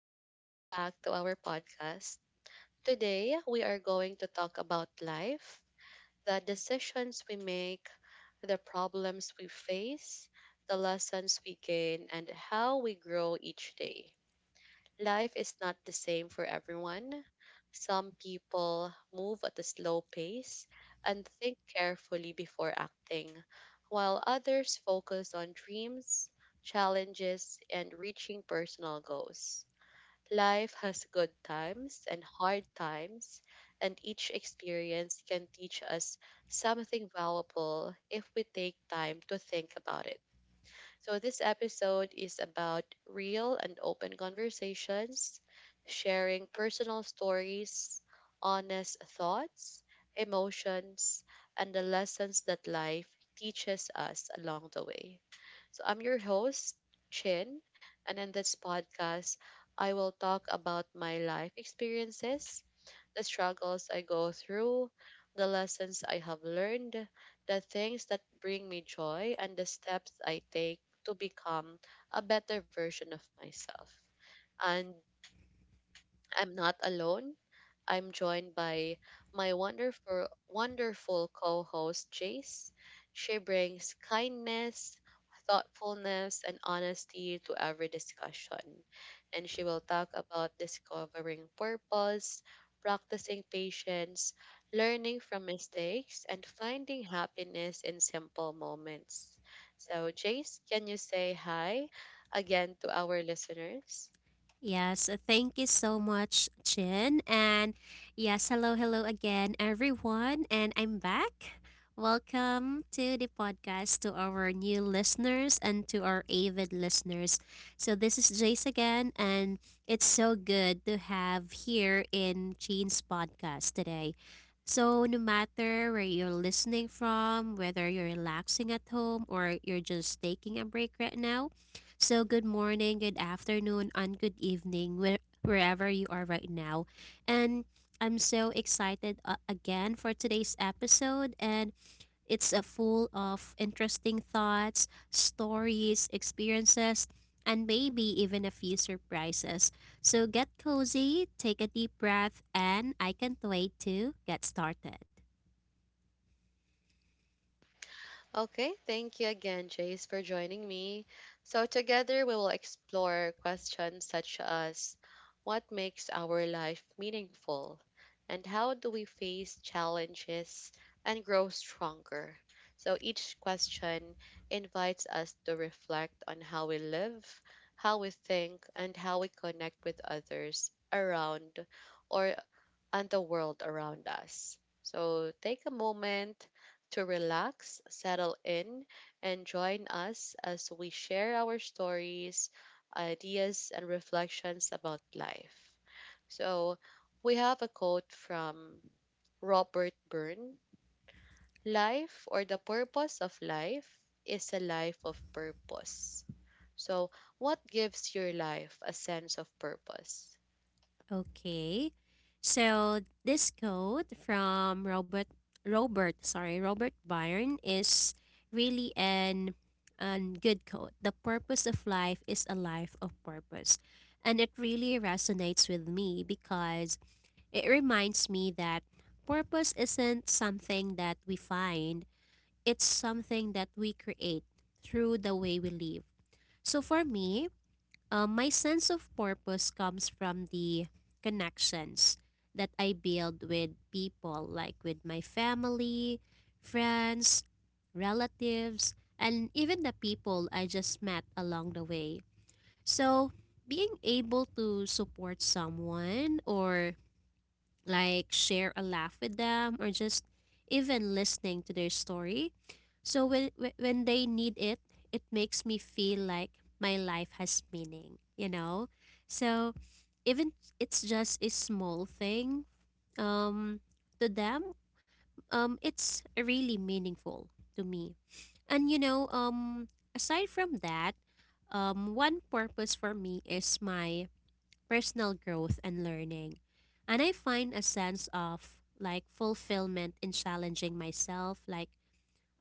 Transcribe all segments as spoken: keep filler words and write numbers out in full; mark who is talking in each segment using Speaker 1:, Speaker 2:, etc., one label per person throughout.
Speaker 1: and welcome back to our podcast. Today, we are going to talk about life, the decisions we make, the problems we face, the lessons we gain, and how we grow each day. Life is not the same for everyone. Some people move at a slow pace and think carefully before acting, while others focus on dreams, challenges, and reaching personal goals. Life has good times and hard times, and each experience can teach us something valuable if we take time to think about it. So, this episode is about real and open conversations, sharing personal stories, honest thoughts, emotions, and the lessons that life teaches us along the way. So I'm your host, Chin, and in this podcast, I will talk about my life experiences, the struggles I go through, the lessons I have learned, the things that bring me joy, and the steps I take to become a better version of myself. And I'm not alone. I'm joined by my wonderful, wonderful co host, Jace. She brings kindness, thoughtfulness, and honesty to every discussion. And she will talk about discovering purpose, practicing patience, learning from mistakes, and finding happiness in simple moments. So, Jace, can you say hi again to our listeners?
Speaker 2: Yes, uh, thank you so much, Chin. And yes, hello, hello again, everyone. And I'm back. Welcome to the podcast to our new listeners and to our avid listeners. So, this is Jace again, and it's so good to have here in Chin's podcast today. So, no matter where you're listening from, whether you're relaxing at home or you're just taking a break right now, so, good morning, good afternoon, and good evening, where, wherever you are right now. And I'm so excited uh, again for today's episode. And it's uh, full of interesting thoughts, stories, experiences, and maybe even a few surprises. So, get cozy, take a deep breath, and I can't wait to get started.
Speaker 1: Okay, thank you again, Jace, for joining me. So, together we will explore questions such as what makes our life meaningful and how do we face challenges and grow stronger. So, each question invites us to reflect on how we live, how we think, and how we connect with others around or and the world around us. So take a moment to relax, settle in, and join us as we share our stories, ideas, and reflections about life. So we have a quote from Robert Byrne. Life or the purpose of life is a life of purpose. So, what gives your life a sense of purpose?
Speaker 2: Okay. So this quote from Robert Robert, sorry, Robert Byrne is really an an good quote. The purpose of life is a life of purpose. And it really resonates with me because it reminds me that purpose isn't something that we find, it's something that we create through the way we live. So for me, um, my sense of purpose comes from the connections that I build with people, like with my family, friends, relatives, and even the people I just met along the way. So, being able to support someone, or like share a laugh with them, or just even listening to their story. So when whe- when they need it, it makes me feel like my life has meaning, you know? So even it's just a small thing um to them, um it's really meaningful to me. And you know, um aside from that, um one purpose for me is my personal growth and learning. And I find a sense of like fulfillment in challenging myself, like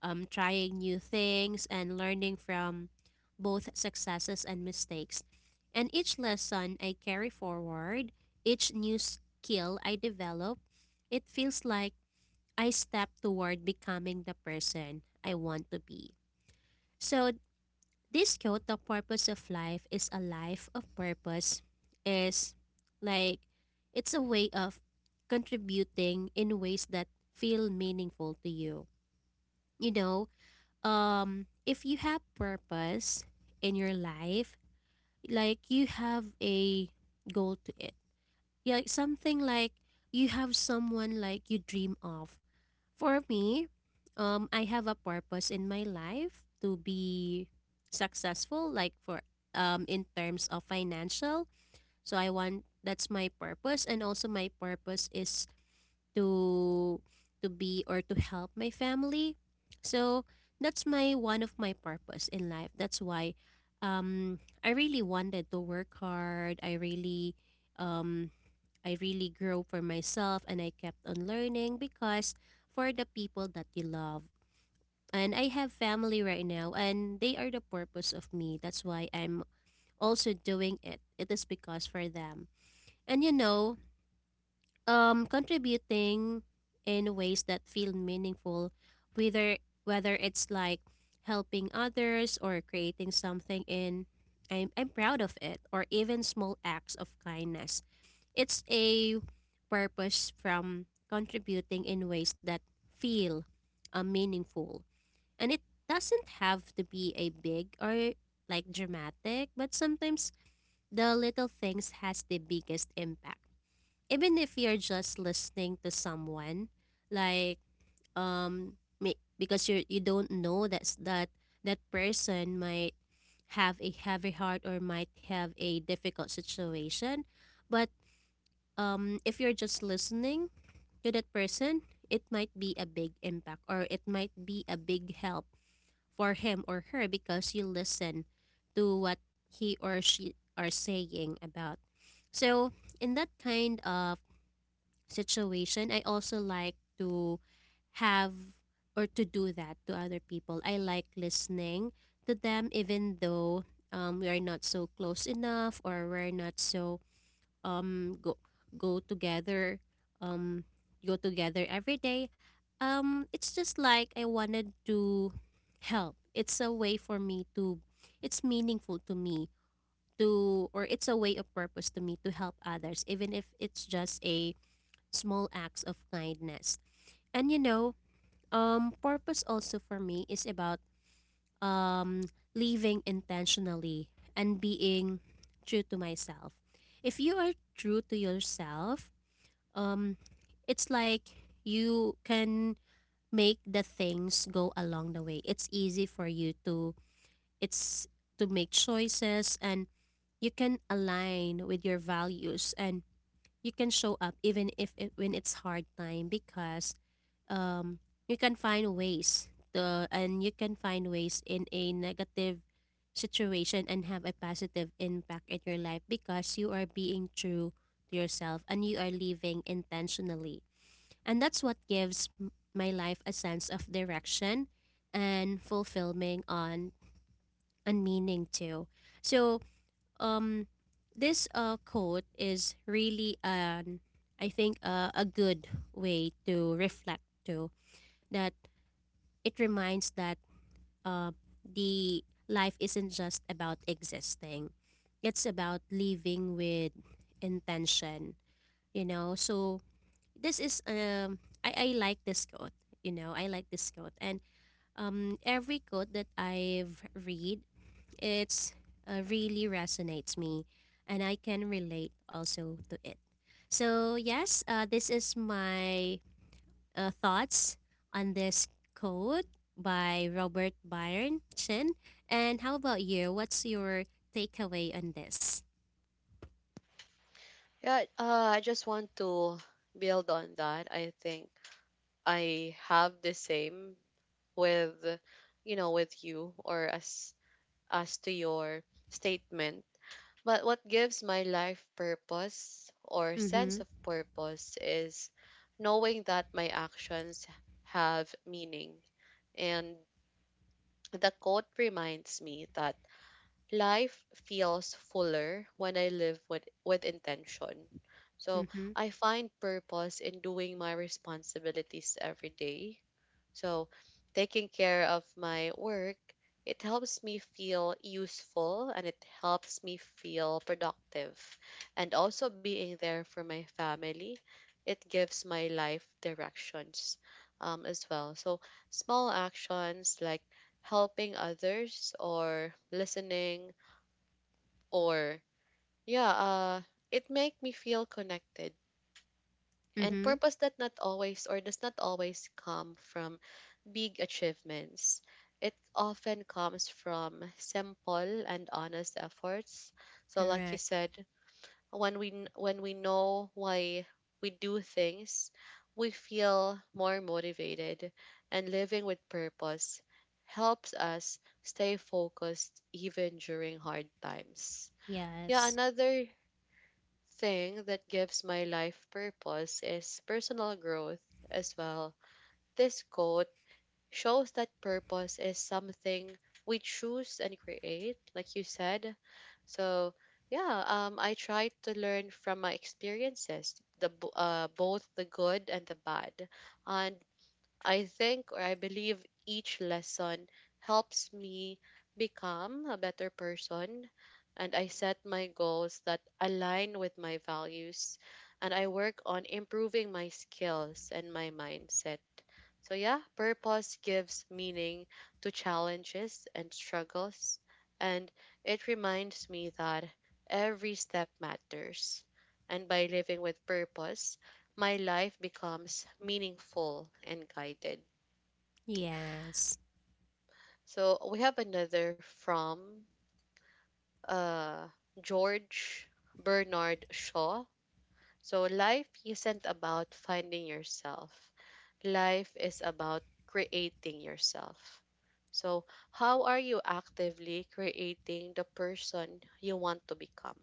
Speaker 2: um, trying new things and learning from both successes and mistakes. And each lesson I carry forward, each new skill I develop, it feels like I step toward becoming the person I want to be. So this quote, the purpose of life is a life of purpose, is like it's a way of contributing in ways that feel meaningful to you. You know, um, if you have purpose in your life, like you have a goal to it, yeah, like, something like you have someone like you dream of. For me, um, I have a purpose in my life to be successful, like for um in terms of financial. So I want that's my purpose, and also my purpose is to to be or to help my family. So that's my one of my purpose in life. That's why um I really wanted to work hard. I really um I really grow for myself, and I kept on learning because for the people that you love. And I have family right now, and they are the purpose of me. That's why I'm also doing it. It is because for them. And you know, um contributing in ways that feel meaningful, whether whether it's like helping others or creating something in I'm, I'm proud of, it or even small acts of kindness, it's a purpose from contributing in ways that feel uh, meaningful. And it doesn't have to be a big or like dramatic, but sometimes the little things has the biggest impact. Even if you're just listening to someone, like um may- because you you don't know that's that that person might have a heavy heart or might have a difficult situation. But um if you're just listening to that person, it might be a big impact or it might be a big help for him or her, because you listen to what he or she are saying about. So in that kind of situation, I also like to have or to do that to other people. I like listening to them, even though um, we are not so close enough, or we're not so um go go together, um go together every day. Um, it's just like I wanted to help. It's a way for me to. It's meaningful to me, to or it's a way of purpose to me to help others, even if it's just a small acts of kindness. And you know, um, purpose also for me is about um, living intentionally and being true to myself. If you are true to yourself, um, it's like you can make the things go along the way. It's easy for you to, it's to make choices, and you can align with your values, and you can show up even if it, when it's hard time, because um, you can find ways to, and you can find ways in a negative situation and have a positive impact in your life, because you are being true to yourself and you are living intentionally. And that's what gives m- my life a sense of direction and fulfillment on and meaning too. So um this uh quote is really an I think uh, a good way to reflect to that. It reminds that uh the life isn't just about existing. It's about living with intention, you know. So this is um I, I like this quote, you know, I like this quote. And um every quote that I've read, it's uh, really resonates me, and I can relate also to it. So yes, uh, this is my uh, thoughts on this code by Robert Byron Chin. And how about you? What's your takeaway on this?
Speaker 1: Yeah, uh, I just want to build on that. I think I have the same with, you know, with you or as as to your statement. But what gives my life purpose or sense
Speaker 2: Mm-hmm.
Speaker 1: of purpose is knowing that my actions have meaning. And the quote reminds me that life feels fuller when I live with, with intention. So
Speaker 2: Mm-hmm.
Speaker 1: I find purpose in doing my responsibilities every day, so, taking care of my work, it helps me feel useful and it helps me feel productive. And also being there for my family, it gives my life directions um, as well. So, small actions like helping others or listening or yeah, uh, it make me feel connected and
Speaker 2: Mm-hmm.
Speaker 1: purpose that not always or does not always come from big achievements. It often comes from simple and honest efforts. So like you
Speaker 2: Correct.
Speaker 1: said, when we kn- when we know why we do things, we feel more motivated and living with purpose helps us stay focused even during hard times. Yeah,
Speaker 2: Yes.
Speaker 1: another thing that gives my life purpose is personal growth as well. This quote shows that purpose is something we choose and create, like you said. So yeah, um, I try to learn from my experiences, the bo- uh, both the good and the bad, and I think or I believe each lesson helps me become a better person, and I set my goals that align with my values, and I work on improving my skills and my mindset, so, yeah, purpose gives meaning to challenges and struggles, and it reminds me that every step matters. And by living with purpose, my life becomes meaningful and guided.
Speaker 2: Yes.
Speaker 1: So, we have another from, uh, George Bernard Shaw. So, life isn't about finding yourself, life is about creating yourself. So, how are you actively creating the person you want to become?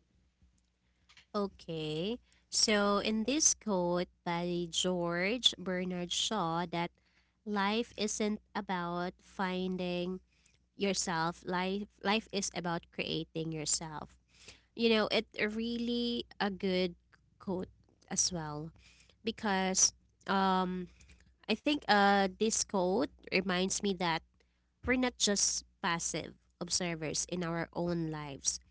Speaker 2: Okay. So, in this quote by George Bernard Shaw, that life isn't about finding yourself, life, life is about creating yourself. You know, it really a good quote as well, because um, I think uh, this quote reminds me that we're not just passive observers in our own lives.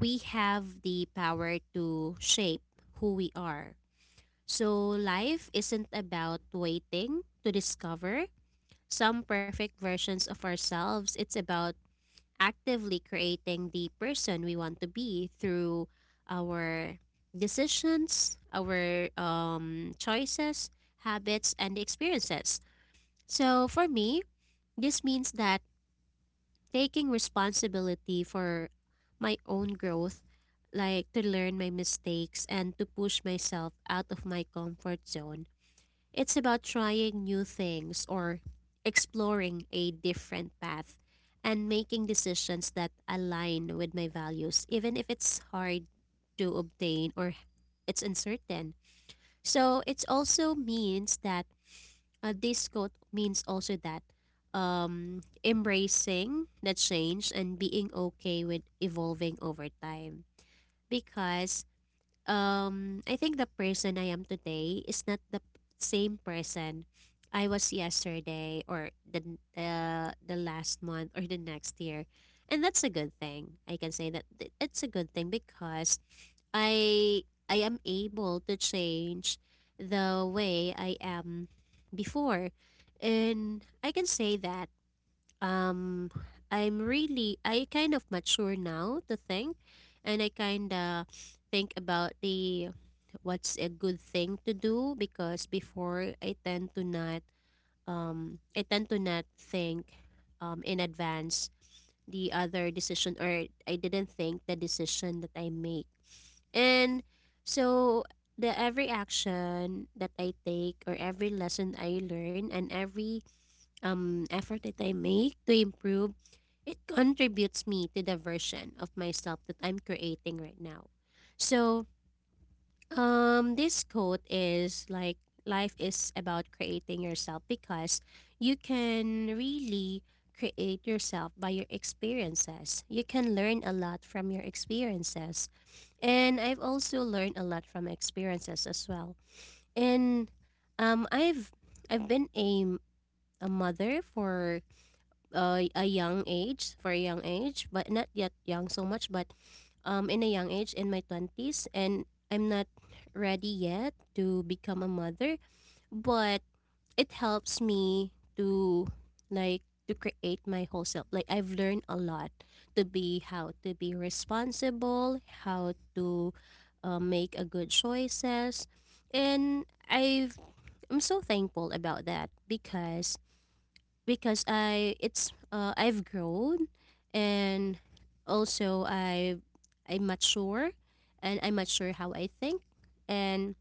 Speaker 2: We have the power to shape who we are. So, life isn't about waiting to discover some perfect versions of ourselves. It's about actively creating the person we want to be through our decisions, our um, choices, habits, and experiences. So, for me, this means that taking responsibility for my own growth, like to learn my mistakes and to push myself out of my comfort zone. It's about trying new things or exploring a different path and making decisions that align with my values, even if it's hard to obtain or it's uncertain. So it also means that uh, this quote means also that um, embracing the change and being okay with evolving over time. Because um, I think the person I am today is not the p- same person I was yesterday or the the the last month or the next year, and that's a good thing. I can say that it- it's a good thing because I I am able to change the way I am before. And I can say that um I'm really I kind of mature now to think, and I kind of think about the, what's a good thing to do, because before I tend to not um I tend to not think, um in advance, the other decision, or I didn't think the decision that I make. And so the every action that I take, or every lesson I learn, and every um effort that I make to improve, it contributes me to the version of myself that I'm creating right now. So um this quote is like life is about creating yourself, because you can really create yourself by your experiences. You can learn a lot from your experiences, and I've also learned a lot from my experiences as well. And um, I've I've been a a mother for uh, a young age, for a young age, but not yet young so much. But um, in a young age in my twenties, and I'm not ready yet to become a mother, but it helps me to, like, to create my whole self. Like I've learned a lot to be, how to be responsible, how to uh, make a good choices. And I've I'm so thankful about that, because because I it's uh, I've grown, and also I I mature, and I mature how I think. And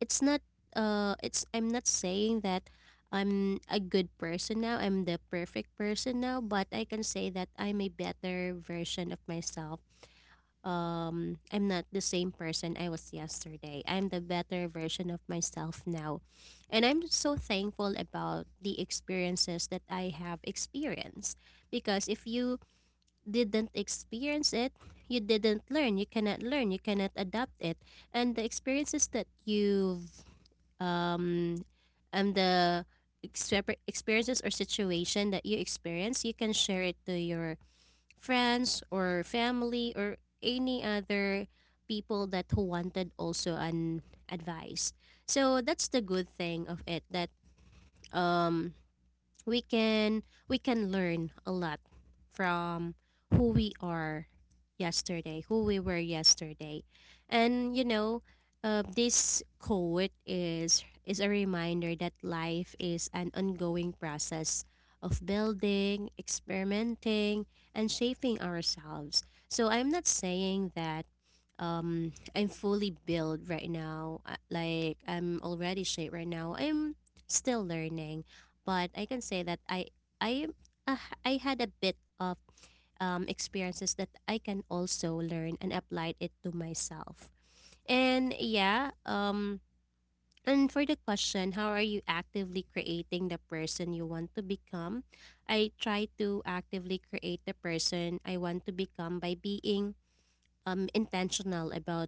Speaker 2: it's not, uh it's I'm not saying that I'm a good person now, I'm the perfect person now, but I can say that I'm a better version of myself. Um I'm not the same person I was yesterday. I'm the better version of myself now. And I'm so thankful about the experiences that I have experienced, because if you didn't experience it, you didn't learn, you cannot learn, you cannot adapt it. And the experiences that you've um, um the exper- experiences or situation that you experience, you can share it to your friends or family or any other people that who wanted also an advice. So that's the good thing of it, that um we can we can learn a lot from who we are yesterday, who we were yesterday. And you know, uh, this quote is is a reminder that life is an ongoing process of building, experimenting, and shaping ourselves. So I'm not saying that um, I'm fully built right now. uh, Like I'm already shaped right now. I'm still learning, but I can say that I I am- uh, I had a bit of um, experiences that I can also learn and applied it to myself. And yeah, um, and for the question, how are you actively creating the person you want to become? I try to actively create the person I want to become by being um, intentional about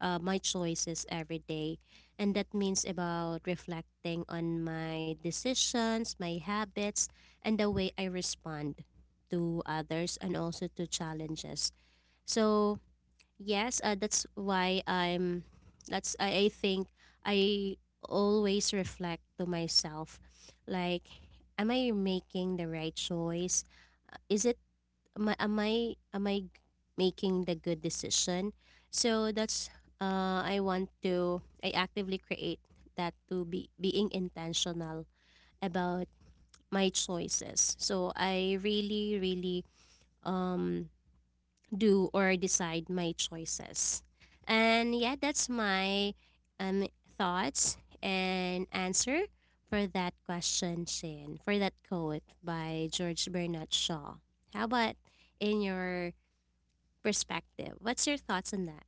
Speaker 2: uh, my choices every day. And that means about reflecting on my decisions, my habits, and the way I respond to others and also to challenges. So, yes, uh, that's why I'm, that's, I, I think I always reflect to myself, like, am I making the right choice? Uh, Is it am I am I am I making the good decision? So that's uh, I want to I actively create that to be being intentional about my choices. So I really really um, do or decide my choices, and yeah, that's my um thoughts and answer for that question, Shin, for that quote by George Bernard Shaw. How about in your perspective. What's your thoughts on that?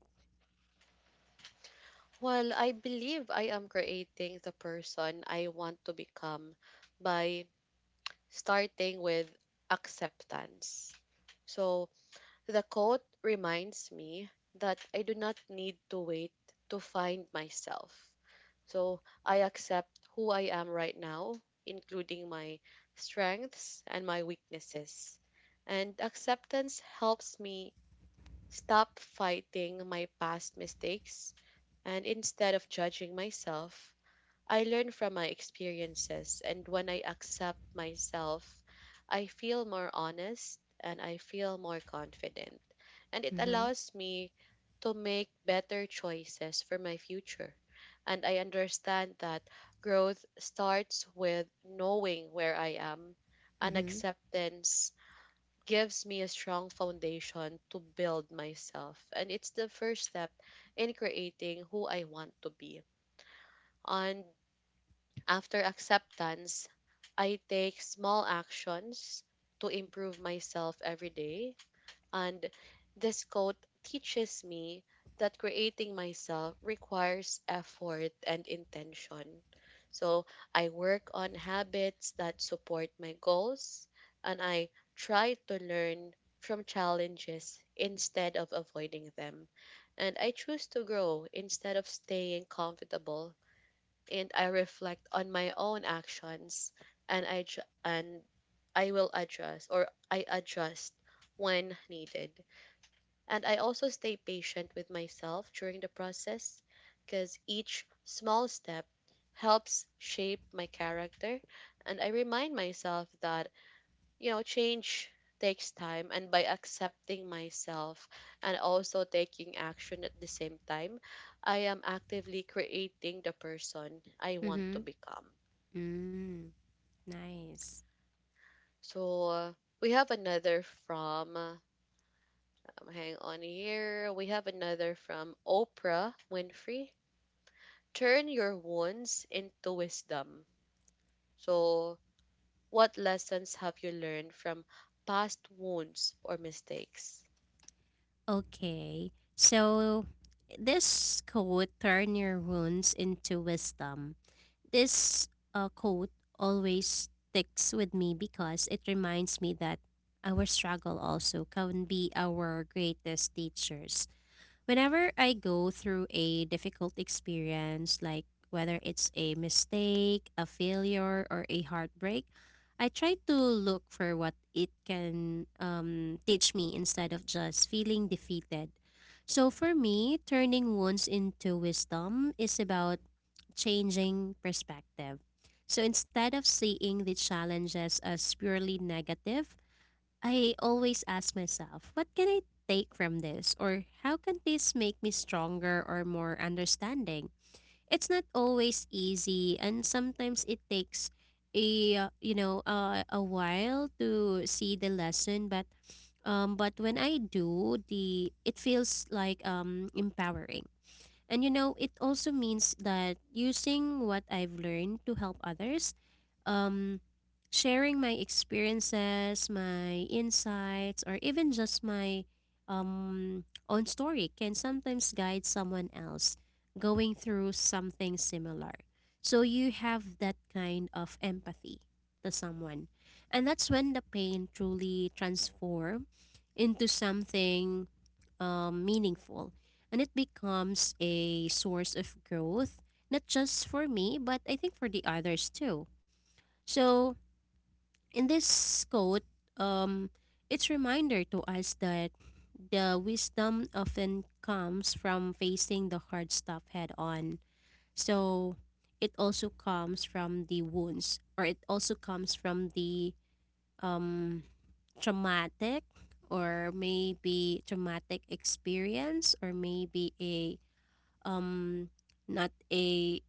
Speaker 1: Well, I believe I am creating the person I want to become by starting with acceptance. So, the quote reminds me that I do not need to wait to find myself. So, I accept who I am right now, including my strengths and my weaknesses. And acceptance helps me stop fighting my past mistakes and instead of judging myself, I learn from my experiences and when I accept myself, I feel more honest and I feel more confident and it
Speaker 2: Mm-hmm.
Speaker 1: allows me to make better choices for my future. And I understand that growth starts with knowing where I am and
Speaker 2: Mm-hmm.
Speaker 1: acceptance gives me a strong foundation to build myself. And it's the first step in creating who I want to be. And after acceptance, I take small actions to improve myself every day and this quote teaches me that creating myself requires effort and intention. So I work on habits that support my goals and I try to learn from challenges instead of avoiding them. And I choose to grow instead of staying comfortable. And I reflect on my own actions and I, ju- and I will adjust or I adjust when needed. And I also stay patient with myself during the process because each small step helps shape my character. And I remind myself that, you know, change takes time. And by accepting myself and also taking action at the same time, I am actively creating the person I want
Speaker 2: Mm-hmm.
Speaker 1: to become.
Speaker 2: Mm. Nice.
Speaker 1: So, uh, we have another from, uh, um, hang on here, we have another from Oprah Winfrey. Turn your wounds into wisdom. So, what lessons have you learned from past wounds or mistakes?
Speaker 2: Okay. So this quote, turn your wounds into wisdom. This uh, quote always sticks with me because it reminds me that our struggle also can be our greatest teachers. Whenever I go through a difficult experience, like whether it's a mistake, a failure, or a heartbreak, I try to look for what it can um, teach me instead of just feeling defeated. So for me, turning wounds into wisdom is about changing perspective. So instead of seeing the challenges as purely negative, I always ask myself, what can I take from this? Or how can this make me stronger or more understanding? It's not always easy, and sometimes it takes a uh, you know uh, a while to see the lesson, but um but when I do, the it feels like um empowering, and you know, it also means that using what I've learned to help others, um, sharing my experiences, my insights, or even just my um, own story can sometimes guide someone else going through something similar. So you have that kind of empathy to someone. And that's when the pain truly transforms into something um, meaningful. And it becomes a source of growth, not just for me, but I think for the others too. So in this quote, um, it's reminder to us that the wisdom often comes from facing the hard stuff head on. So it also comes from the wounds, or it also comes from the um, traumatic, or maybe traumatic experience, or maybe a um, not a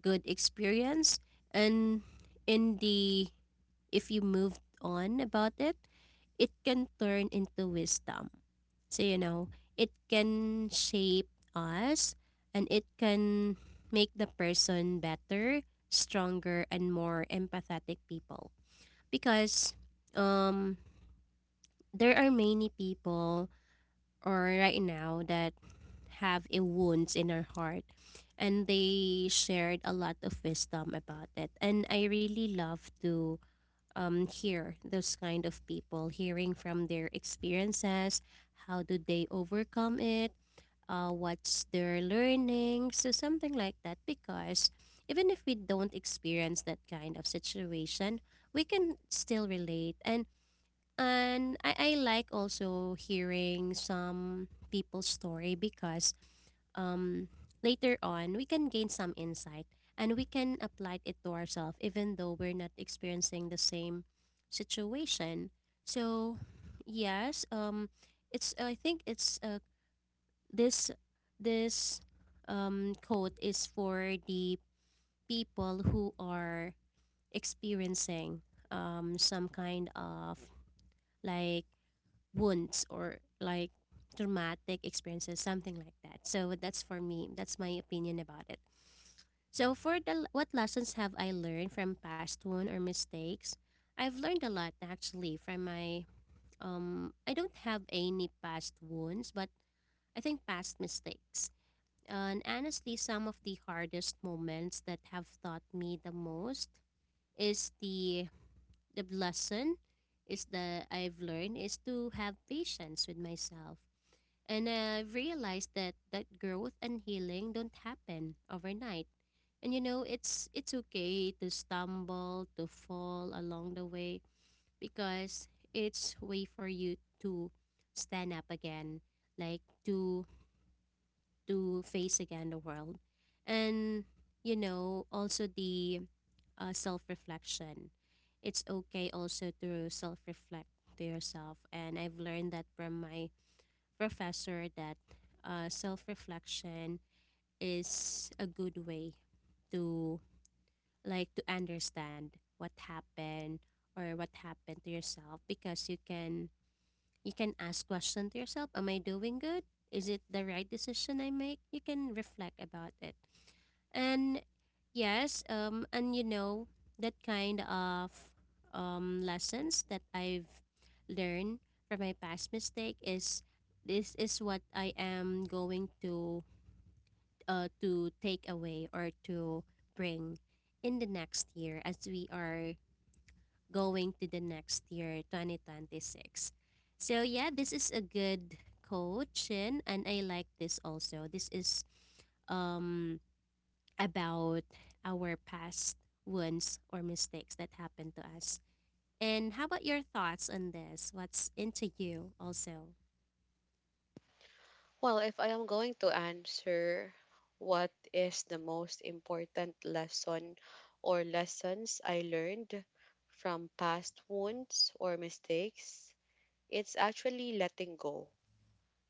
Speaker 2: good experience, and in the, if you moved on about it, it can turn into wisdom. So you know, it can shape us, and it can make the person better, stronger and more empathetic people because um there are many people or right now that have a wounds in our heart, and they shared a lot of wisdom about it, and I really love to um, hear those kind of people, hearing from their experiences, how do they overcome it, uh, what's their learning, so something like that, because even if we don't experience that kind of situation, we can still relate, and and I, I like also hearing some people's story because um, later on, we can gain some insight and we can apply it to ourselves, even though we're not experiencing the same situation. So, yes, um, it's I think it's uh, this this um, quote is for the people who are experiencing um, some kind of like wounds or like traumatic experiences, something like that. So that's for me. That's my opinion about it. So for the, what lessons have I learned from past wound or mistakes? I've learned a lot actually from my um I don't have any past wounds, but I think past mistakes. And honestly, some of the hardest moments that have taught me the most is the the lesson is that I've learned is to have patience with myself. And I realized that that growth and healing don't happen overnight. And you know, it's it's okay to stumble, to fall along the way because it's way for you to stand up again, like to to face again the world. And you know, also the uh, self-reflection. It's okay also to self-reflect to yourself, and I've learned that from my professor that uh, self-reflection is a good way to, like, to understand what happened or what happened to yourself, because you can, you can ask question to yourself, am I doing good, is it the right decision I make, you can reflect about it. And yes, um, and you know, that kind of um, lessons that I've learned from my past mistake is this is what I am going to uh, to take away or to bring in the next year, as we are going to the next year, twenty twenty-six. So yeah, this is a good coach, and, and I like this also. This is um about our past wounds or mistakes that happened to us. And how about your thoughts on this? What's into you also?
Speaker 1: Well, if I am going to answer what is the most important lesson or lessons I learned from past wounds or mistakes, it's actually letting go.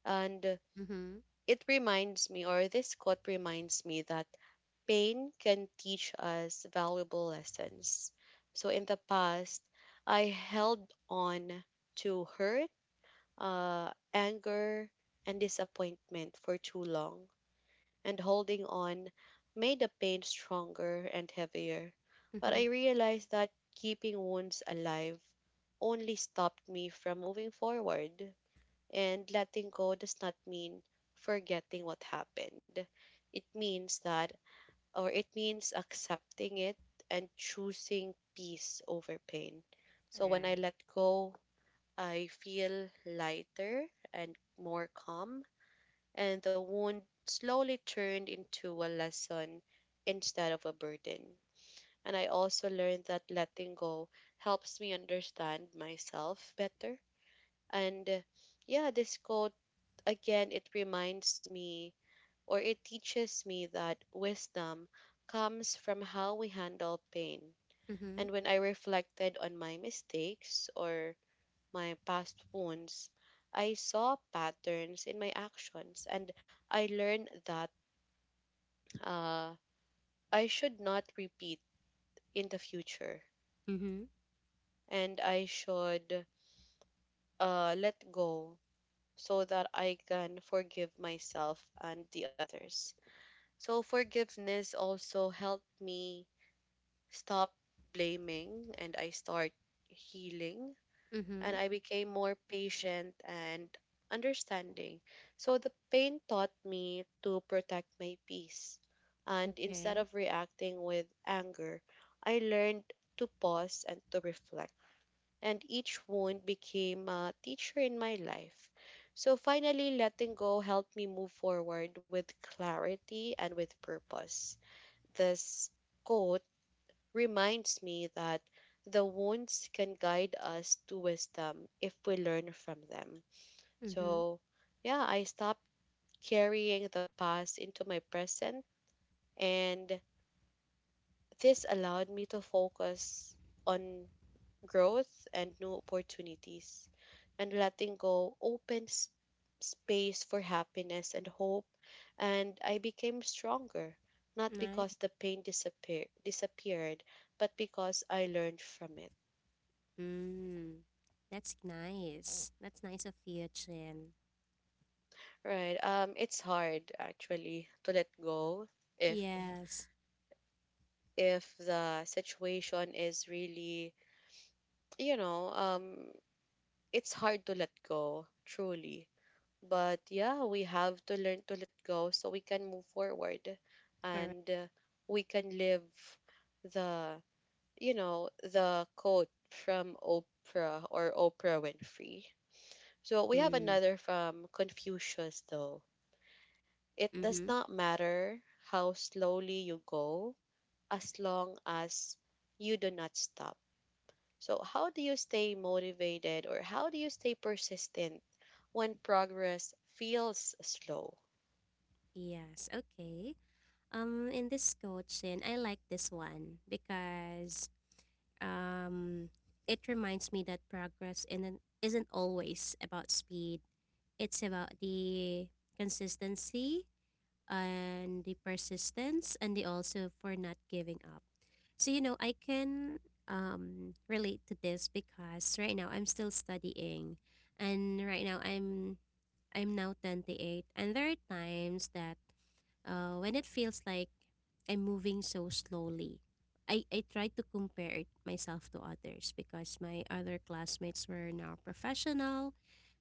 Speaker 1: And
Speaker 2: Mm-hmm.
Speaker 1: it reminds me, or this quote reminds me that pain can teach us valuable lessons. So in the past, I held on to hurt, uh, anger, and disappointment for too long, and holding on made the pain stronger and heavier. But
Speaker 2: Mm-hmm.
Speaker 1: I realized that keeping wounds alive only stopped me from moving forward, and letting go does not mean forgetting what happened. It means that or it means accepting it and choosing peace over pain.
Speaker 2: All
Speaker 1: So when I
Speaker 2: right.
Speaker 1: let go, I feel lighter and more calm, and the wound slowly turned into a lesson instead of a burden. And I also learned that letting go helps me understand myself better. And uh, yeah, this quote again, it reminds me or it teaches me that wisdom comes from how we handle pain.
Speaker 2: Mm-hmm.
Speaker 1: And when I reflected on my mistakes or my past wounds, I saw patterns in my actions and I learned that uh, I should not repeat in the future
Speaker 2: Mm-hmm.
Speaker 1: and I should uh, let go so that I can forgive myself and the others. So, forgiveness also helped me stop blaming and I start healing
Speaker 2: Mm-hmm.
Speaker 1: and I became more patient and understanding. So the pain taught me to protect my peace. And instead
Speaker 2: Okay.
Speaker 1: of reacting with anger, I learned to pause and to reflect. And each wound became a teacher in my life. So finally, letting go helped me move forward with clarity and with purpose. This quote reminds me that the wounds can guide us to wisdom if we learn from them.
Speaker 2: Mm-hmm.
Speaker 1: So, yeah, I stopped carrying the past into my present, and this allowed me to focus on growth and new opportunities. And letting go opens space for happiness and hope, and I became stronger, not
Speaker 2: Nice.
Speaker 1: because the pain disappear- disappeared, but because I learned from it.
Speaker 2: Mm. That's nice. That's nice of you, Chin.
Speaker 1: Right. Um, it's hard actually to let go if
Speaker 2: Yes.
Speaker 1: if the situation is really, you know, um, it's hard to let go, truly. But yeah, we have to learn to let go so we can move forward
Speaker 2: Correct.
Speaker 1: and, uh, we can live the, you know, the quote from Oprah or Oprah Winfrey. So we have
Speaker 2: Mm.
Speaker 1: another from Confucius though. It does
Speaker 2: Mm-hmm.
Speaker 1: not matter how slowly you go as long as you do not stop. So, how do you stay motivated or how do you stay persistent when progress feels slow?
Speaker 2: Yes. Okay. Um, in this coaching, I like this one because um, it reminds me that progress isn't, isn't always about speed. It's about the consistency and the persistence and the also for not giving up. So, you know, I can um, relate to this because right now I'm still studying, and right now I'm I'm now twenty-eight, and there are times that uh, when it feels like I'm moving so slowly, I, I try to compare it myself to others because my other classmates were now professional,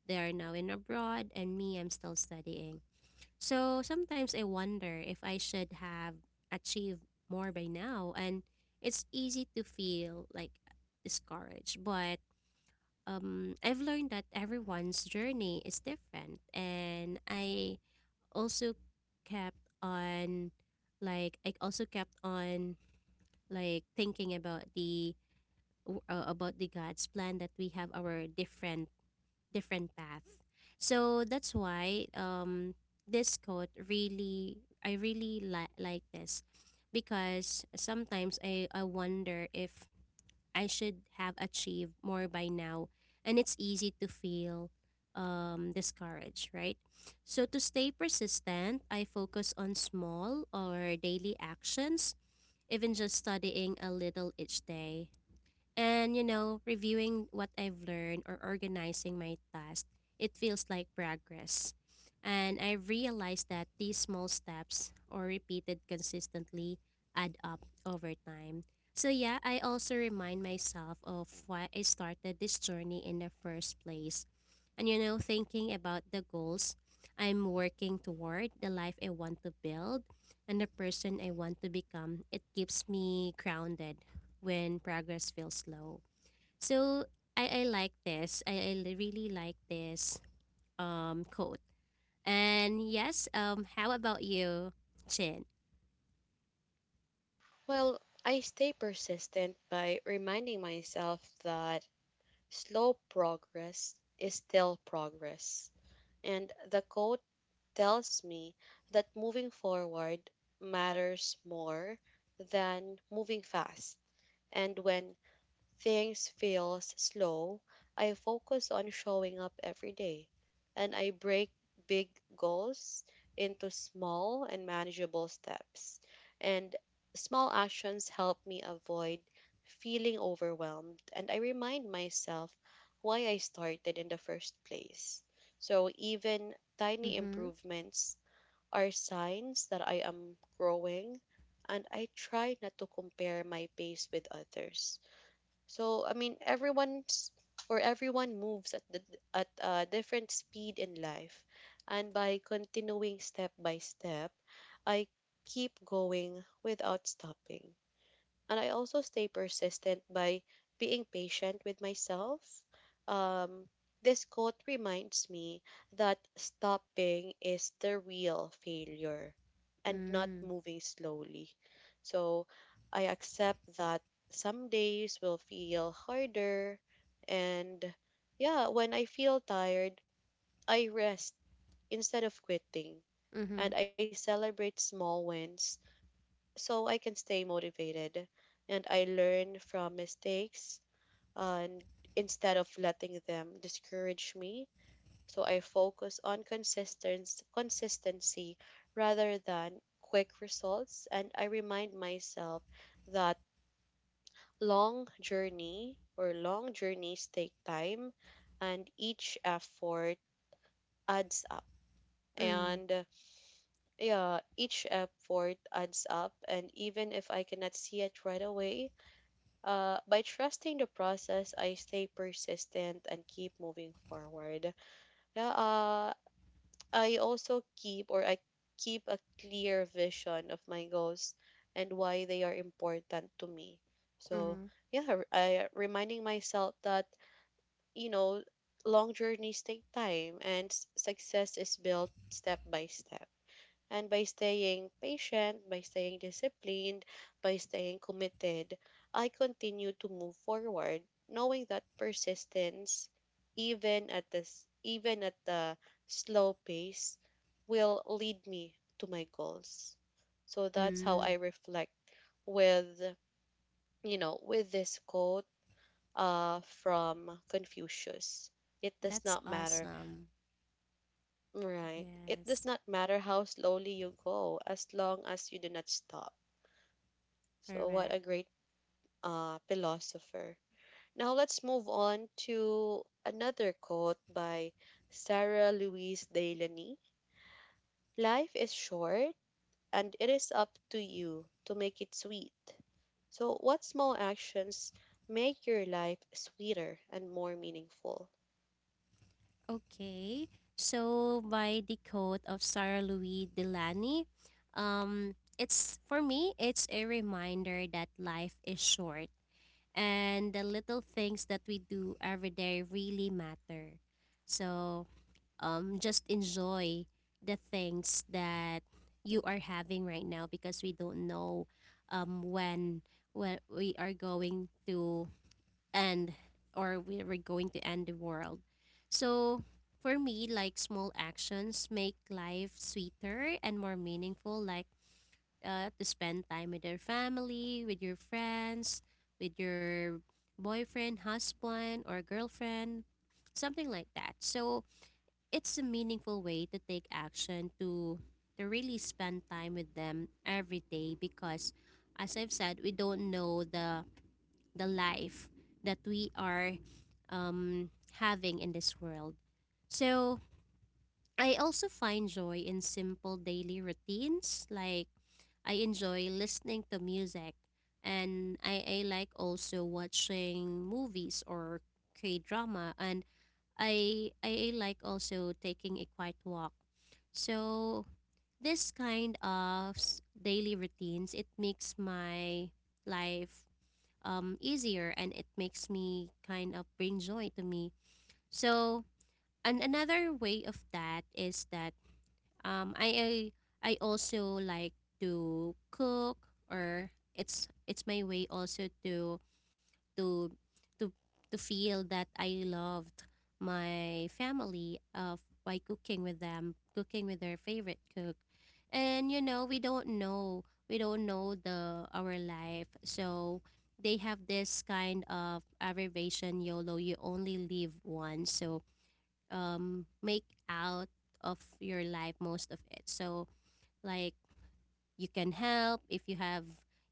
Speaker 2: they are now in abroad, and me, I'm still studying. So sometimes I wonder if I should have achieved more by now, and it's easy to feel like discouraged, but um, I've learned that everyone's journey is different, and I also kept on, like, I also kept on like thinking about the w- uh, about the God's plan, that we have our different different path. So that's why um this quote, really, I really li- like this, because sometimes I I wonder if I should have achieved more by now. And it's easy to feel um, discouraged, right? So, to stay persistent, I focus on small or daily actions, even just studying a little each day, and you know, reviewing what I've learned or organizing my tasks, it feels like progress. And I've realized that these small steps or repeated consistently add up over time. So yeah, I also remind myself of why I started this journey in the first place. And you know, thinking about the goals I'm working toward, the life I want to build, and the person I want to become, it keeps me grounded when progress feels slow. So I, I like this. I, I li- really like this um quote. And yes, um, how about you, Chin?
Speaker 1: Well, I stay persistent by reminding myself that slow progress is still progress. And the quote tells me that moving forward matters more than moving fast. And when things feels slow, I focus on showing up every day and I break big goals into small and manageable steps. And small actions help me avoid feeling overwhelmed and I remind myself why I started in the first place. So even tiny
Speaker 2: Mm-hmm.
Speaker 1: improvements are signs that I am growing and I try not to compare my pace with others. So I mean, everyone's or everyone moves at the at a different speed in life, and by continuing step by step, I keep going without stopping and I also stay persistent by being patient with myself. Um, this quote reminds me that stopping is the real failure and not
Speaker 2: Mm.
Speaker 1: moving slowly. So I accept that some days will feel harder, and yeah, when I feel tired, I rest instead of quitting
Speaker 2: Mm-hmm.
Speaker 1: and I celebrate small wins so I can stay motivated and I learn from mistakes and instead of letting them discourage me. So I focus on consistency, consistency rather than quick results, and I remind myself that long journey or long journeys take time and each effort adds up.
Speaker 2: Mm.
Speaker 1: And uh, yeah, each effort adds up, and even if I cannot see it right away, Uh, by trusting the process, I stay persistent and keep moving forward. Yeah, uh, I also keep or I keep a clear vision of my goals and why they are important to me.
Speaker 2: Mm-hmm.
Speaker 1: So, yeah, r- I, reminding myself that, you know, long journeys take time and s- success is built step by step, and by staying patient, by staying disciplined, by staying committed, I continue to move forward, knowing that persistence, even at this even at the slow pace, will lead me to my goals. So that's how
Speaker 2: Mm.
Speaker 1: I reflect with you know with this quote uh from Confucius. It does
Speaker 2: That's
Speaker 1: not matter
Speaker 2: awesome.
Speaker 1: Right. It
Speaker 2: Yes.
Speaker 1: does not matter how slowly you go as long as you do not stop. So
Speaker 2: Correct.
Speaker 1: what a great uh, philosopher. Now let's move on to another quote by Sarah Louise Delaney. Life is short and it is up to you to make it sweet. So what small actions make your life sweeter and more meaningful?
Speaker 2: Okay. So by the quote of Sarah Louis Delany, um it's for me, it's a reminder that life is short and the little things that we do every day really matter. So, um, just enjoy the things that you are having right now, because we don't know um, when when we are going to end, or we are going to end the world. So, for me, like, small actions make life sweeter and more meaningful. Like, uh, to spend time with your family, with your friends, with your boyfriend, husband, or girlfriend, something like that. So it's a meaningful way to take action to to really spend time with them every day, because as I've said, we don't know the the life that we are um, having in this world. So I also find joy in simple daily routines, like, I enjoy listening to music, and I, I like also watching movies or K drama and I, I I like also taking a quiet walk. So this kind of s- daily routines, it makes my life um easier, and it makes me kind of bring joy to me. So, and another way of that is that um, I, I I also like to cook, or it's it's my way also to to to to feel that I loved my family of by cooking with them, cooking with their favorite cook, and you know, we don't know we don't know the our life. So they have this kind of abbreviation, YOLO. You only live once, so um, make out of your life most of it. So like you can help if you have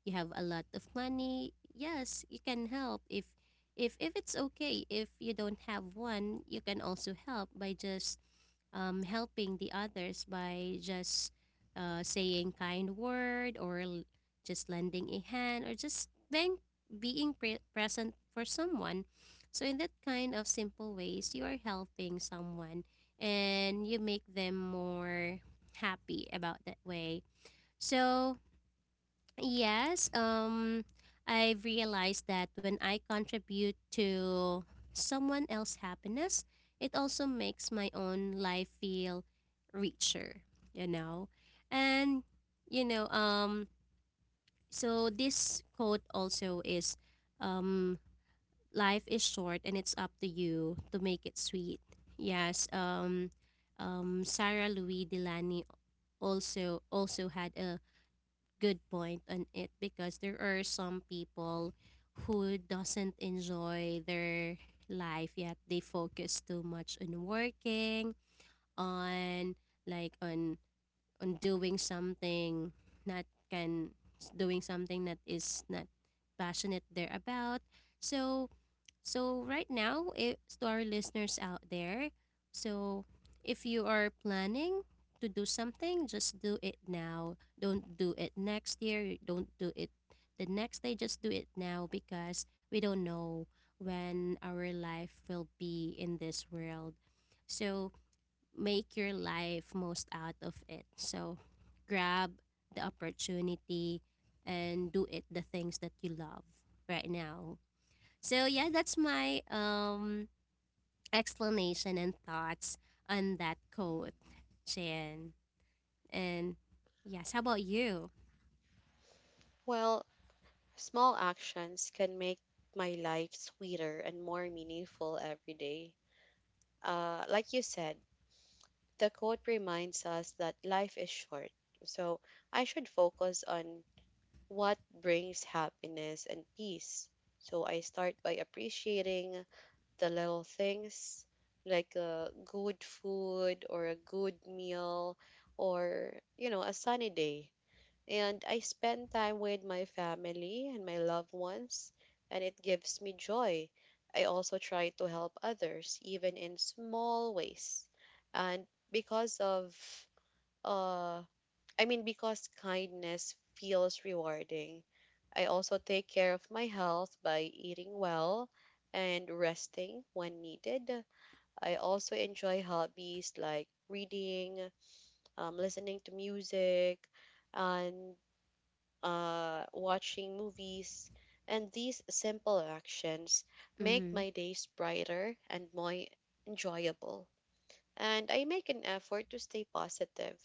Speaker 2: you have a lot of money, yes you can help if if if it's okay. If you don't have one, you can also help by just um, helping the others by just uh, saying kind word or l- just lending a hand or just being being pre- present for someone. So in that kind of simple ways you are helping someone, and you make them more happy about that way. so, yes, um I've realized that when I contribute to someone else's happiness, it also makes my own life feel richer, you know. And you know, um so this quote also is, um life is short and it's up to you to make it sweet. Yes, um um Sarah Louis Delany also also had a good point on it, because there are some people who doesn't enjoy their life, yet they focus too much on working on like on on doing something, not can doing something that is not passionate they're about. So so right now, it, to our listeners out there, so if you are planning to do something, just do it now. Don't do it next year. You Don't do it the next day. Just do it now, because we don't know when our life will be in this world. So make your life most out of it. So grab the opportunity and do it the things that you love right now. So yeah, that's my um explanation and thoughts on that quote, Chan. And yes, how about you?
Speaker 1: Well, small actions can make my life sweeter and more meaningful every day. Uh, like you said, the quote reminds us that life is short, so I should focus on what brings happiness and peace. So I start by appreciating the little things like a good food or a good meal, or you know, a sunny day, and I spend time with my family and my loved ones, and it gives me joy. I also try to help others, even in small ways. And because of, uh, I mean, because kindness feels rewarding, I also take care of my health by eating well and resting when needed. I also enjoy hobbies like reading, um, listening to music, and uh, watching movies, and these simple actions make
Speaker 2: Mm-hmm.
Speaker 1: my days brighter and more enjoyable. And I make an effort to stay positive.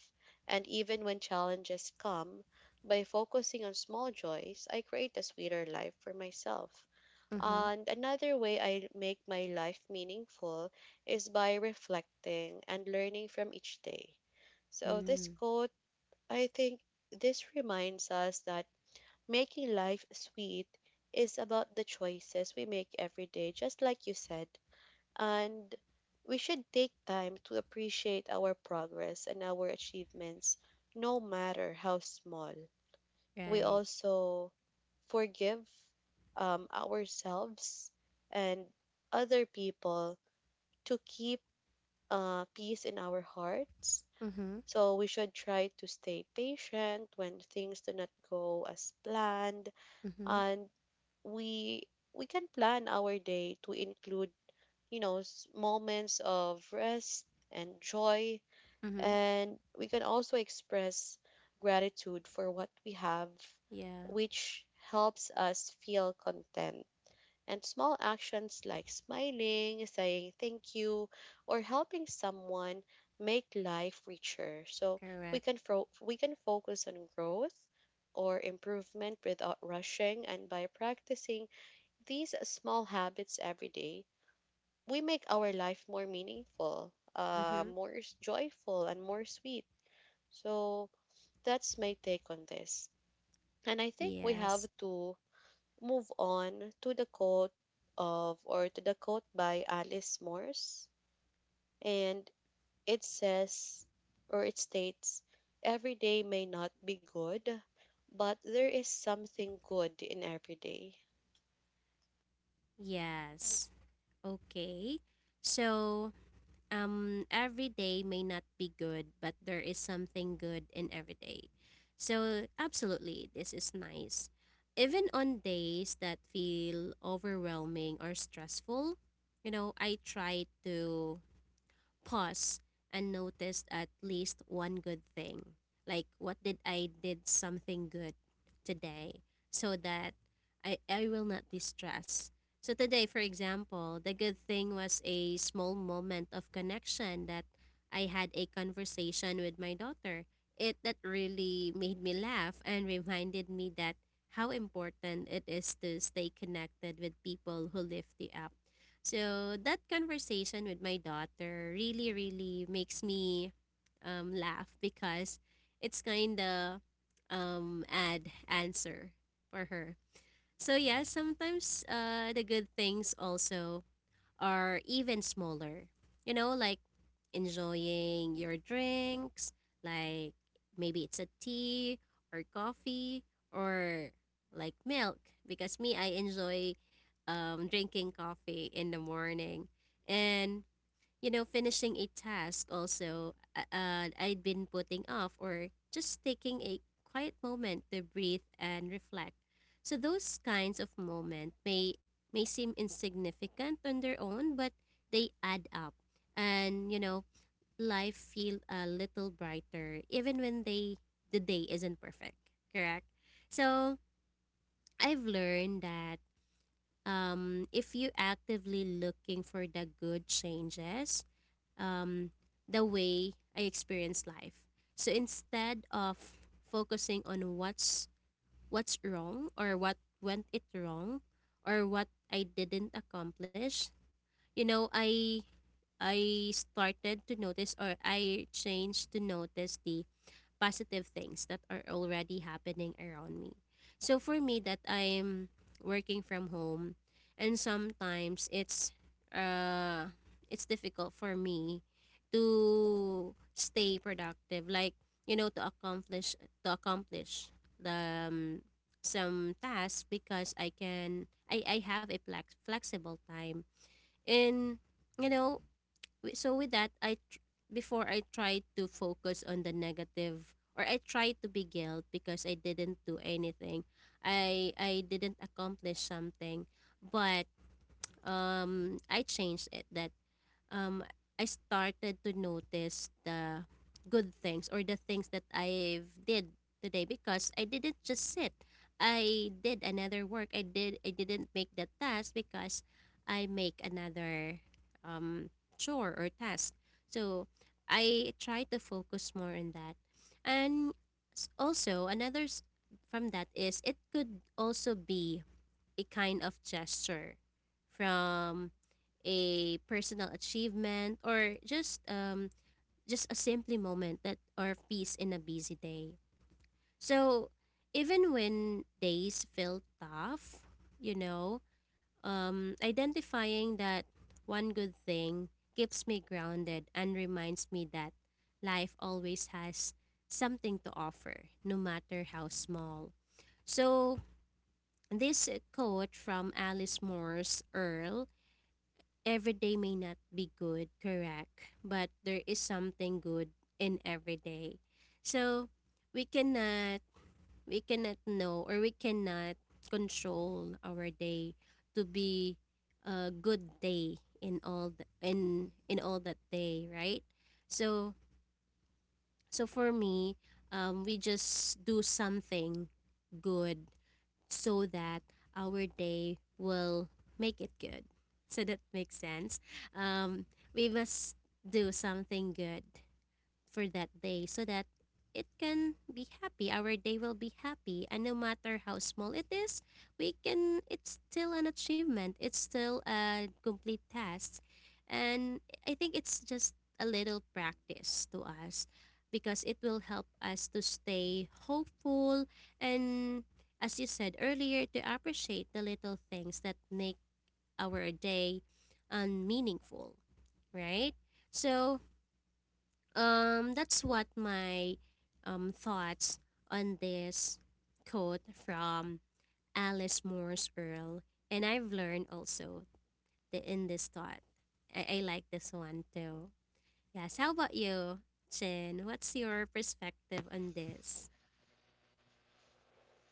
Speaker 1: And even when challenges come, by focusing on small joys, I create a sweeter life for myself.
Speaker 2: Mm-hmm.
Speaker 1: And another way I make my life meaningful is by reflecting and learning from each day. So, this
Speaker 2: Mm.
Speaker 1: quote, I think, this reminds us that making life sweet is about the choices we make every day, just like you said. And we should take time to appreciate our progress and our achievements, no matter how small. We
Speaker 2: Right.
Speaker 1: also forgive, um, ourselves and other people, to keep uh, peace in our hearts.
Speaker 2: Mm-hmm.
Speaker 1: So we should try to stay patient when things do not go as planned,
Speaker 2: Mm-hmm.
Speaker 1: and we we can plan our day to include, you know, s- moments of rest and joy,
Speaker 2: Mm-hmm.
Speaker 1: and we can also express gratitude for what we have,
Speaker 2: Yeah.
Speaker 1: which helps us feel content. And small actions like smiling, saying thank you, or helping someone make life richer. So we
Speaker 2: Correct.
Speaker 1: can fro- we can focus on growth or improvement without rushing, and by practicing these small habits every day, we make our life more meaningful, uh,
Speaker 2: Mm-hmm.
Speaker 1: more s- joyful, and more sweet. So that's my take on this. And I think we
Speaker 2: Yes.
Speaker 1: have to move on to the quote of, or to the quote by Alice Morse. And it says, or it states, every day may not be good, but there is something good in every day.
Speaker 2: Yes. Okay. So um, every day may not be good, but there is something good in every day. So, absolutely, this is nice. Even on days that feel overwhelming or stressful, you know, I try to pause and noticed at least one good thing. Like what did I did something good today, so that I, I will not be stressed. So today, for example, the good thing was a small moment of connection, that I had a conversation with my daughter. It that really made me laugh and reminded me that how important it is to stay connected with people who lift you up. So that conversation with my daughter really, really makes me um, laugh, because it's kind of um, ad answer for her. So yeah, sometimes uh, the good things also are even smaller. You know, like enjoying your drinks, like maybe it's a tea or coffee or like milk. Because me, I enjoy um, drinking coffee in the morning. And, you know, finishing a task also uh, uh, I'd been putting off, or just taking a quiet moment to breathe and reflect. So those kinds of moments may may seem insignificant on their own, but they add up. And you know, life feel a little brighter even when they the day isn't perfect, correct. So I've learned that, um, if you actively looking for the good changes, um, the way I experience life. So instead of focusing on what's what's wrong, or what went it wrong, or what I didn't accomplish, you know i I started to notice, or I changed to notice the positive things that are already happening around me. So for me that I'm working from home, and sometimes it's uh it's difficult for me to stay productive, like you know, to accomplish to accomplish the um, some tasks, because I can I I have a flex, flexible time. And you know, Wi- so with that i tr- before I tried to focus on the negative, or I tried to be guilt because I didn't do anything. I i didn't accomplish something, but um I changed it that, um, I started to notice the good things, or the things that I have did today, because I didn't just sit. I did another work. I did I didn't make the task, because I make another um, chore or task. So I try to focus more on that. And, s- also another s- from that is, it could also be a kind of gesture from a personal achievement, or just um just a simply moment that or peace in a busy day. So even when days feel tough, you know, um identifying that one good thing keeps me grounded, and reminds me that life always has something to offer, no matter how small. So this quote from Alice Morse Earl, every day may not be good, correct? But there is something good in every day. So we cannot we cannot know, or we cannot control our day to be a good day in all the, in in all that day, right? So so for me, um, we just do something good, so that our day will make it good. So that makes sense. Um, we must do something good for that day, so that it can be happy, our day will be happy. And no matter how small it is, we can it's still an achievement, it's still a complete task. And I think it's just a little practice to us, because it will help us to stay hopeful, and as you said earlier, to appreciate the little things that make our day um, meaningful, right? So um, that's what my um, thoughts on this quote from Alice Morse Earl. And I've learned also the, in this thought. I, I like this one too. Yes, how about you, Chin? What's your perspective on this?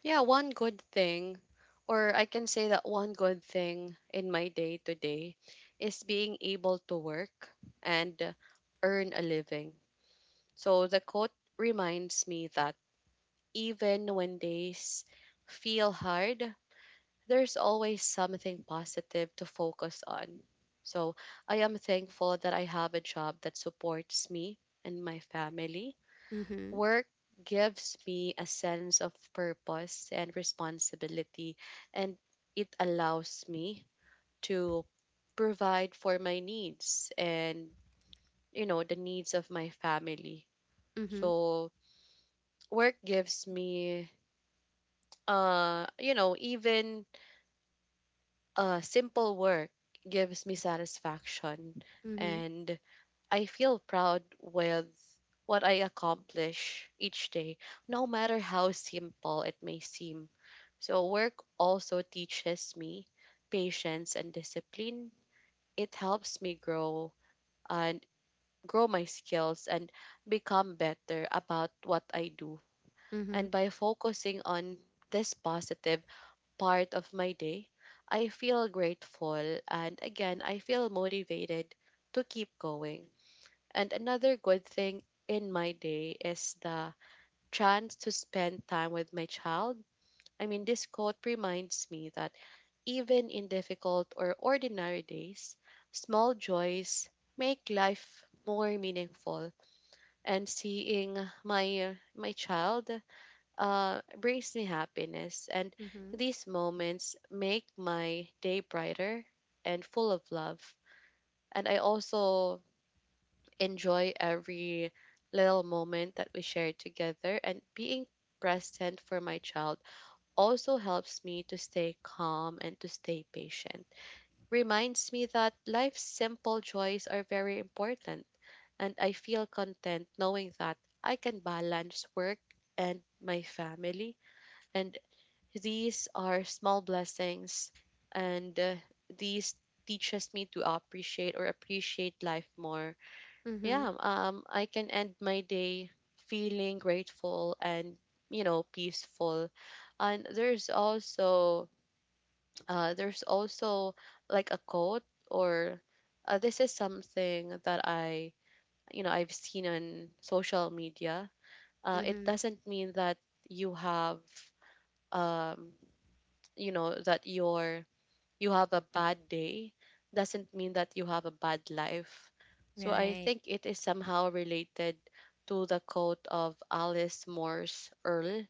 Speaker 1: Yeah, one good thing, or I can say that one good thing in my day to day is being able to work and uh, earn a living. So the quote reminds me that even when days feel hard, there's always something positive to focus on. So I am thankful that I have a job that supports me and my family.
Speaker 2: Mm-hmm.
Speaker 1: Work gives me a sense of purpose and responsibility, and it allows me to provide for my needs and, you know, the needs of my family.
Speaker 2: Mm-hmm.
Speaker 1: So, work gives me, uh, you know, even uh, simple work gives me satisfaction.
Speaker 2: Mm-hmm.
Speaker 1: And I feel proud with what I accomplish each day, no matter how simple it may seem. So, work also teaches me patience and discipline. It helps me grow and grow my skills and become better about what I do.
Speaker 2: Mm-hmm.
Speaker 1: And by focusing on this positive part of my day, I feel grateful, and again, I feel motivated to keep going. And another good thing in my day is the chance to spend time with my child. I mean, this quote reminds me that even in difficult or ordinary days, small joys make life more meaningful. And seeing my my child uh, brings me happiness, and
Speaker 2: Mm-hmm.
Speaker 1: these moments make my day brighter and full of love. And I also enjoy every little moment that we share together, and being present for my child also helps me to stay calm and to stay patient. Reminds me that life's simple joys are very important, and I feel content knowing that I can balance work and my family. And these are small blessings, and uh, these teaches me to appreciate or appreciate life more.
Speaker 2: Mm-hmm.
Speaker 1: Yeah, um, I can end my day feeling grateful and, you know, peaceful. And there's also, uh, there's also like a quote, or uh, this is something that I, you know, I've seen on social media. Uh, it
Speaker 2: Mm-hmm.
Speaker 1: doesn't mean that you have, um, you know, that you're you have a bad day. Doesn't mean that you have a bad life. So I
Speaker 2: Right.
Speaker 1: think it is somehow related to the quote of Alice Morse Earl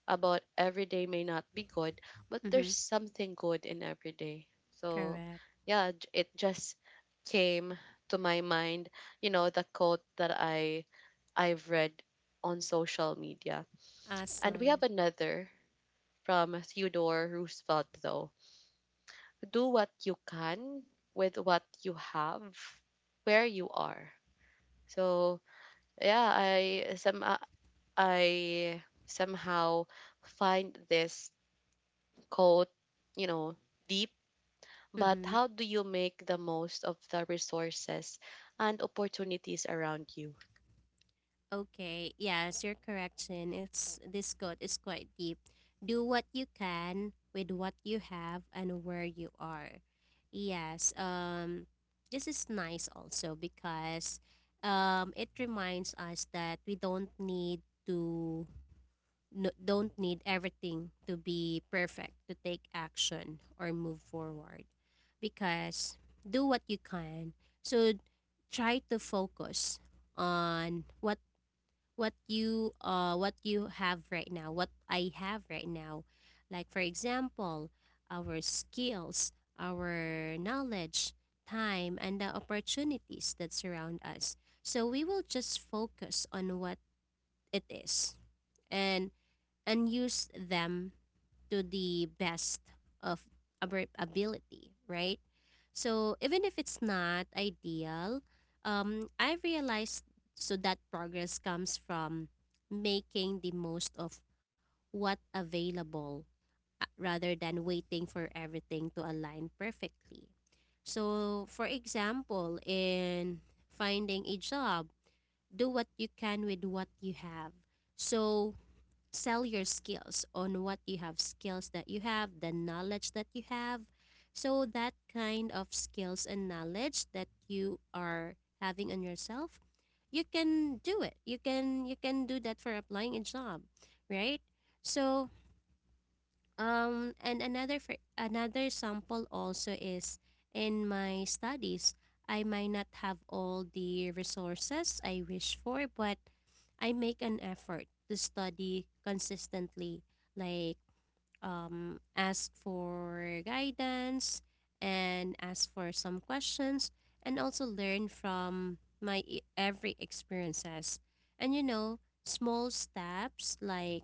Speaker 1: about every day may not be good, but there's
Speaker 2: Mm-hmm.
Speaker 1: something good in every day. So,
Speaker 2: Correct.
Speaker 1: yeah, j- it just came to my mind, you know, the quote that I I've read on social media. And we
Speaker 2: Awesome.
Speaker 1: have another from Theodore Roosevelt though. Do what you can with what you have where you are. So, yeah, I some I somehow find this code, you know, deep, but
Speaker 2: Mm-hmm.
Speaker 1: how do you make the most of the resources and opportunities around you?
Speaker 2: Okay, yes, your correction. It's this quote is quite deep. Do what you can with what you have and where you are. Yes, um this is nice also, because um it reminds us that we don't need to, no, don't need everything to be perfect to take action or move forward, because do what you can. So try to focus on what what you uh what you have right now, what I have right now. Like for example, our skills, our knowledge, time, and the opportunities that surround us. So we will just focus on what it is, and and use them to the best of our ability, right? So even if it's not ideal, um, I realized so that progress comes from making the most of what available, uh, rather than waiting for everything to align perfectly. So, for example, in finding a job, do what you can with what you have. So, sell your skills on what you have, skills that you have, the knowledge that you have. So that kind of skills and knowledge that you are having on yourself, you can do it, you can you can do that for applying a job, right? So um, and another for, another sample also is in my studies, I might not have all the resources I wish for, but I make an effort to study consistently, like um, ask for guidance and ask for some questions, and also learn from my e- every experiences. And you know, small steps like,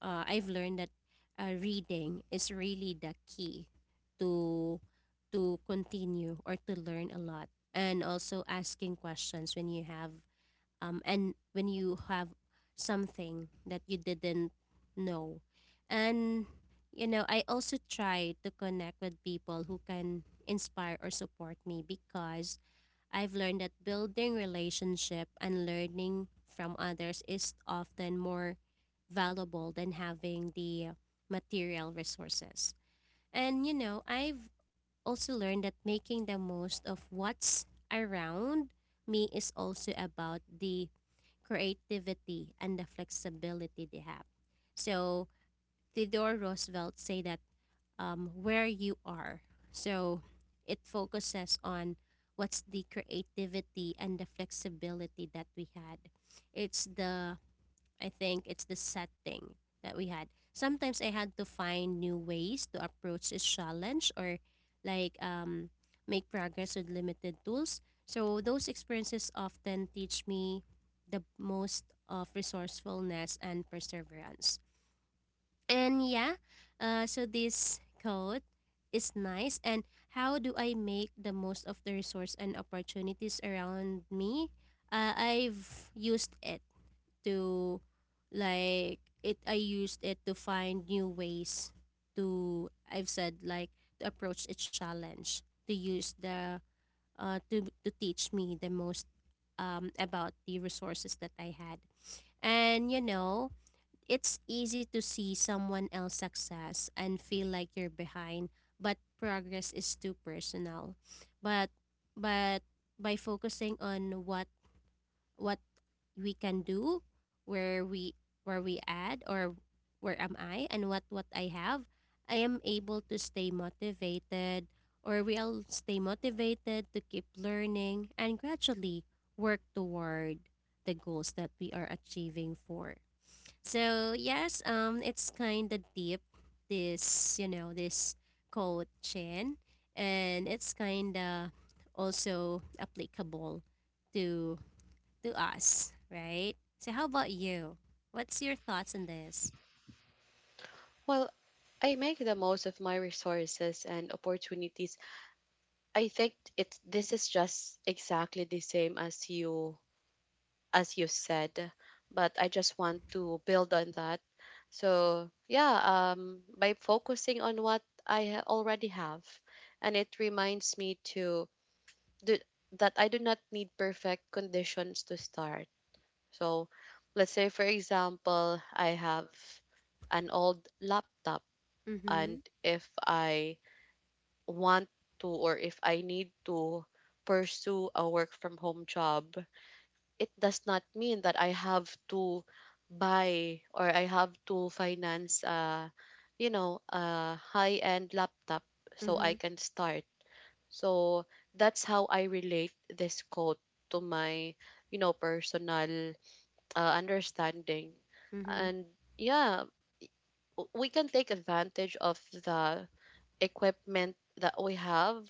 Speaker 2: uh, I've learned that, uh, reading is really the key to to continue or to learn a lot, and also asking questions when you have um, and when you have something that you didn't know. And, you know, I also try to connect with people who can inspire or support me, because I've learned that building relationship and learning from others is often more valuable than having the material resources. And you know, I've also learned that making the most of what's around me is also about the creativity and the flexibility they have. So Theodore Roosevelt say that, um, where you are. So it focuses on what's the creativity and the flexibility that we had. It's the, I think it's the setting that we had. Sometimes I had to find new ways to approach this challenge, or like, um, make progress with limited tools. So those experiences often teach me the most of resourcefulness and perseverance. And yeah, uh, so this quote is nice. And how do I make the most of the resource and opportunities around me? Uh, I've used it to, like it I used it to find new ways to, I've said like, to approach a challenge, to use the uh to to teach me the most um about the resources that I had. And you know, it's easy to see someone else success and feel like you're behind, but progress is too personal. But but by focusing on what what we can do, where we where we add, or where am I and what what I have, I am able to stay motivated, or will stay motivated to keep learning and gradually work toward the goals that we are achieving for. So yes, um it's kinda deep this, you know, this quote, Chen, and it's kinda also applicable to to us, right? So how about you? What's your thoughts on this?
Speaker 1: Well, I make the most of my resources and opportunities. I think it's this is just exactly the same as you as you said, but I just want to build on that. So, yeah, um by focusing on what I ha- already have, and it reminds me to do, that I do not need perfect conditions to start. So, let's say, for example, I have an old laptop, and
Speaker 2: Mhm.
Speaker 1: if I want to or if I need to pursue a work from home job, it does not mean that I have to buy or I have to finance a, you know, a high end laptop so I
Speaker 2: Mhm.
Speaker 1: can start. So that's how I relate this quote to my, you know, personal uh, understanding.
Speaker 2: Mhm.
Speaker 1: And yeah, w- we can take advantage of the equipment that we have,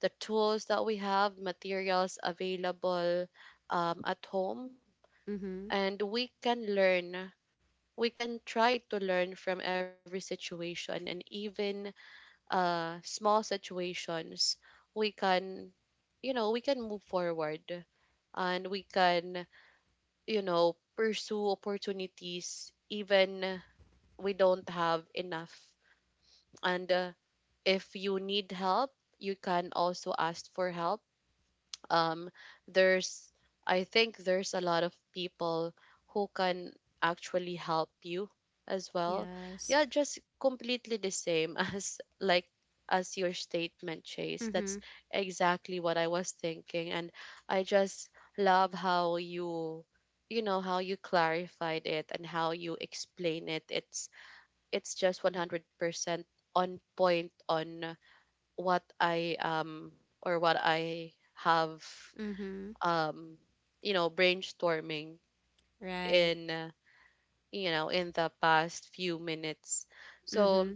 Speaker 1: the tools that we have, materials available, um, at home,
Speaker 2: Mhm.
Speaker 1: and we can learn. We can try to learn from every situation, and even uh, small situations. We can, you know, we can move forward, and we can, you know, pursue opportunities even we don't have enough. And uh, if you need help, you can also ask for help. um there's, I think there's a lot of people who can actually help you as well.
Speaker 2: Yes.
Speaker 1: Yeah, just completely the same as like as your statement, Chase. That's
Speaker 2: Mhm.
Speaker 1: exactly what I was thinking. And I just love how you, you know, how you clarified it and how you explain it. It's it's just one hundred percent on point on what I um or what I have,
Speaker 2: Mhm.
Speaker 1: um, you know, brainstorming
Speaker 2: Right.
Speaker 1: in, uh, you know, in the past few minutes.
Speaker 2: Mhm.
Speaker 1: So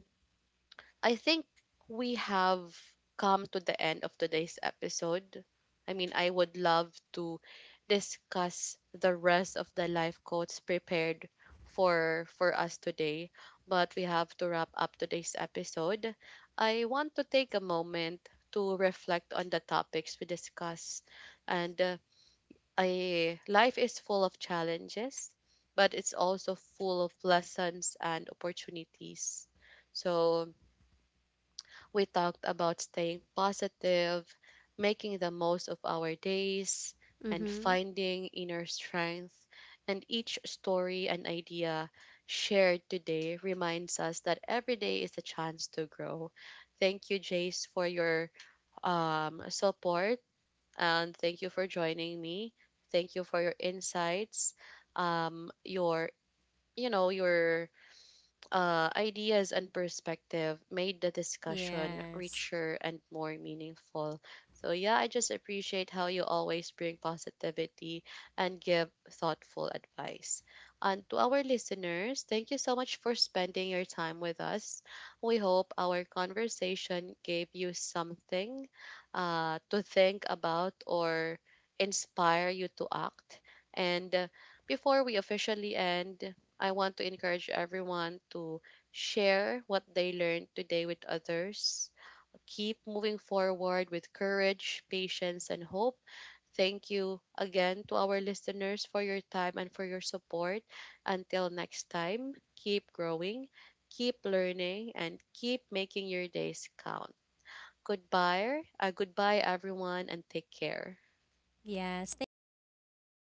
Speaker 1: I think we have come to the end of today's episode. I mean, I would love to discuss the rest of the life quotes prepared for for us today, but we have to wrap up today's episode. I want to take a moment to reflect on the topics we discussed, and uh, a life is full of challenges, but it's also full of lessons and opportunities. So we talked about staying positive, making the most of our days, and
Speaker 2: Mhm.
Speaker 1: finding inner strength. And each story and idea shared today reminds us that every day is a chance to grow. Thank you, Jace, for your um, support, and thank you for joining me. Thank you for your insights, um, your, you know, your uh, ideas and perspective made the discussion
Speaker 2: Yes.
Speaker 1: richer and more meaningful. So, yeah, I just appreciate how you always bring positivity and give thoughtful advice. And to our listeners, thank you so much for spending your time with us. We hope our conversation gave you something uh, to think about or inspire you to act. And uh, before we officially end, I want to encourage everyone to share what they learned today with others. Keep moving forward with courage, patience, and hope. Thank you again to our listeners for your time and for your support. Until next time, keep growing, keep learning, and keep making your days count. Goodbye, uh, goodbye everyone, and take care.
Speaker 2: Yes. Thank you so much.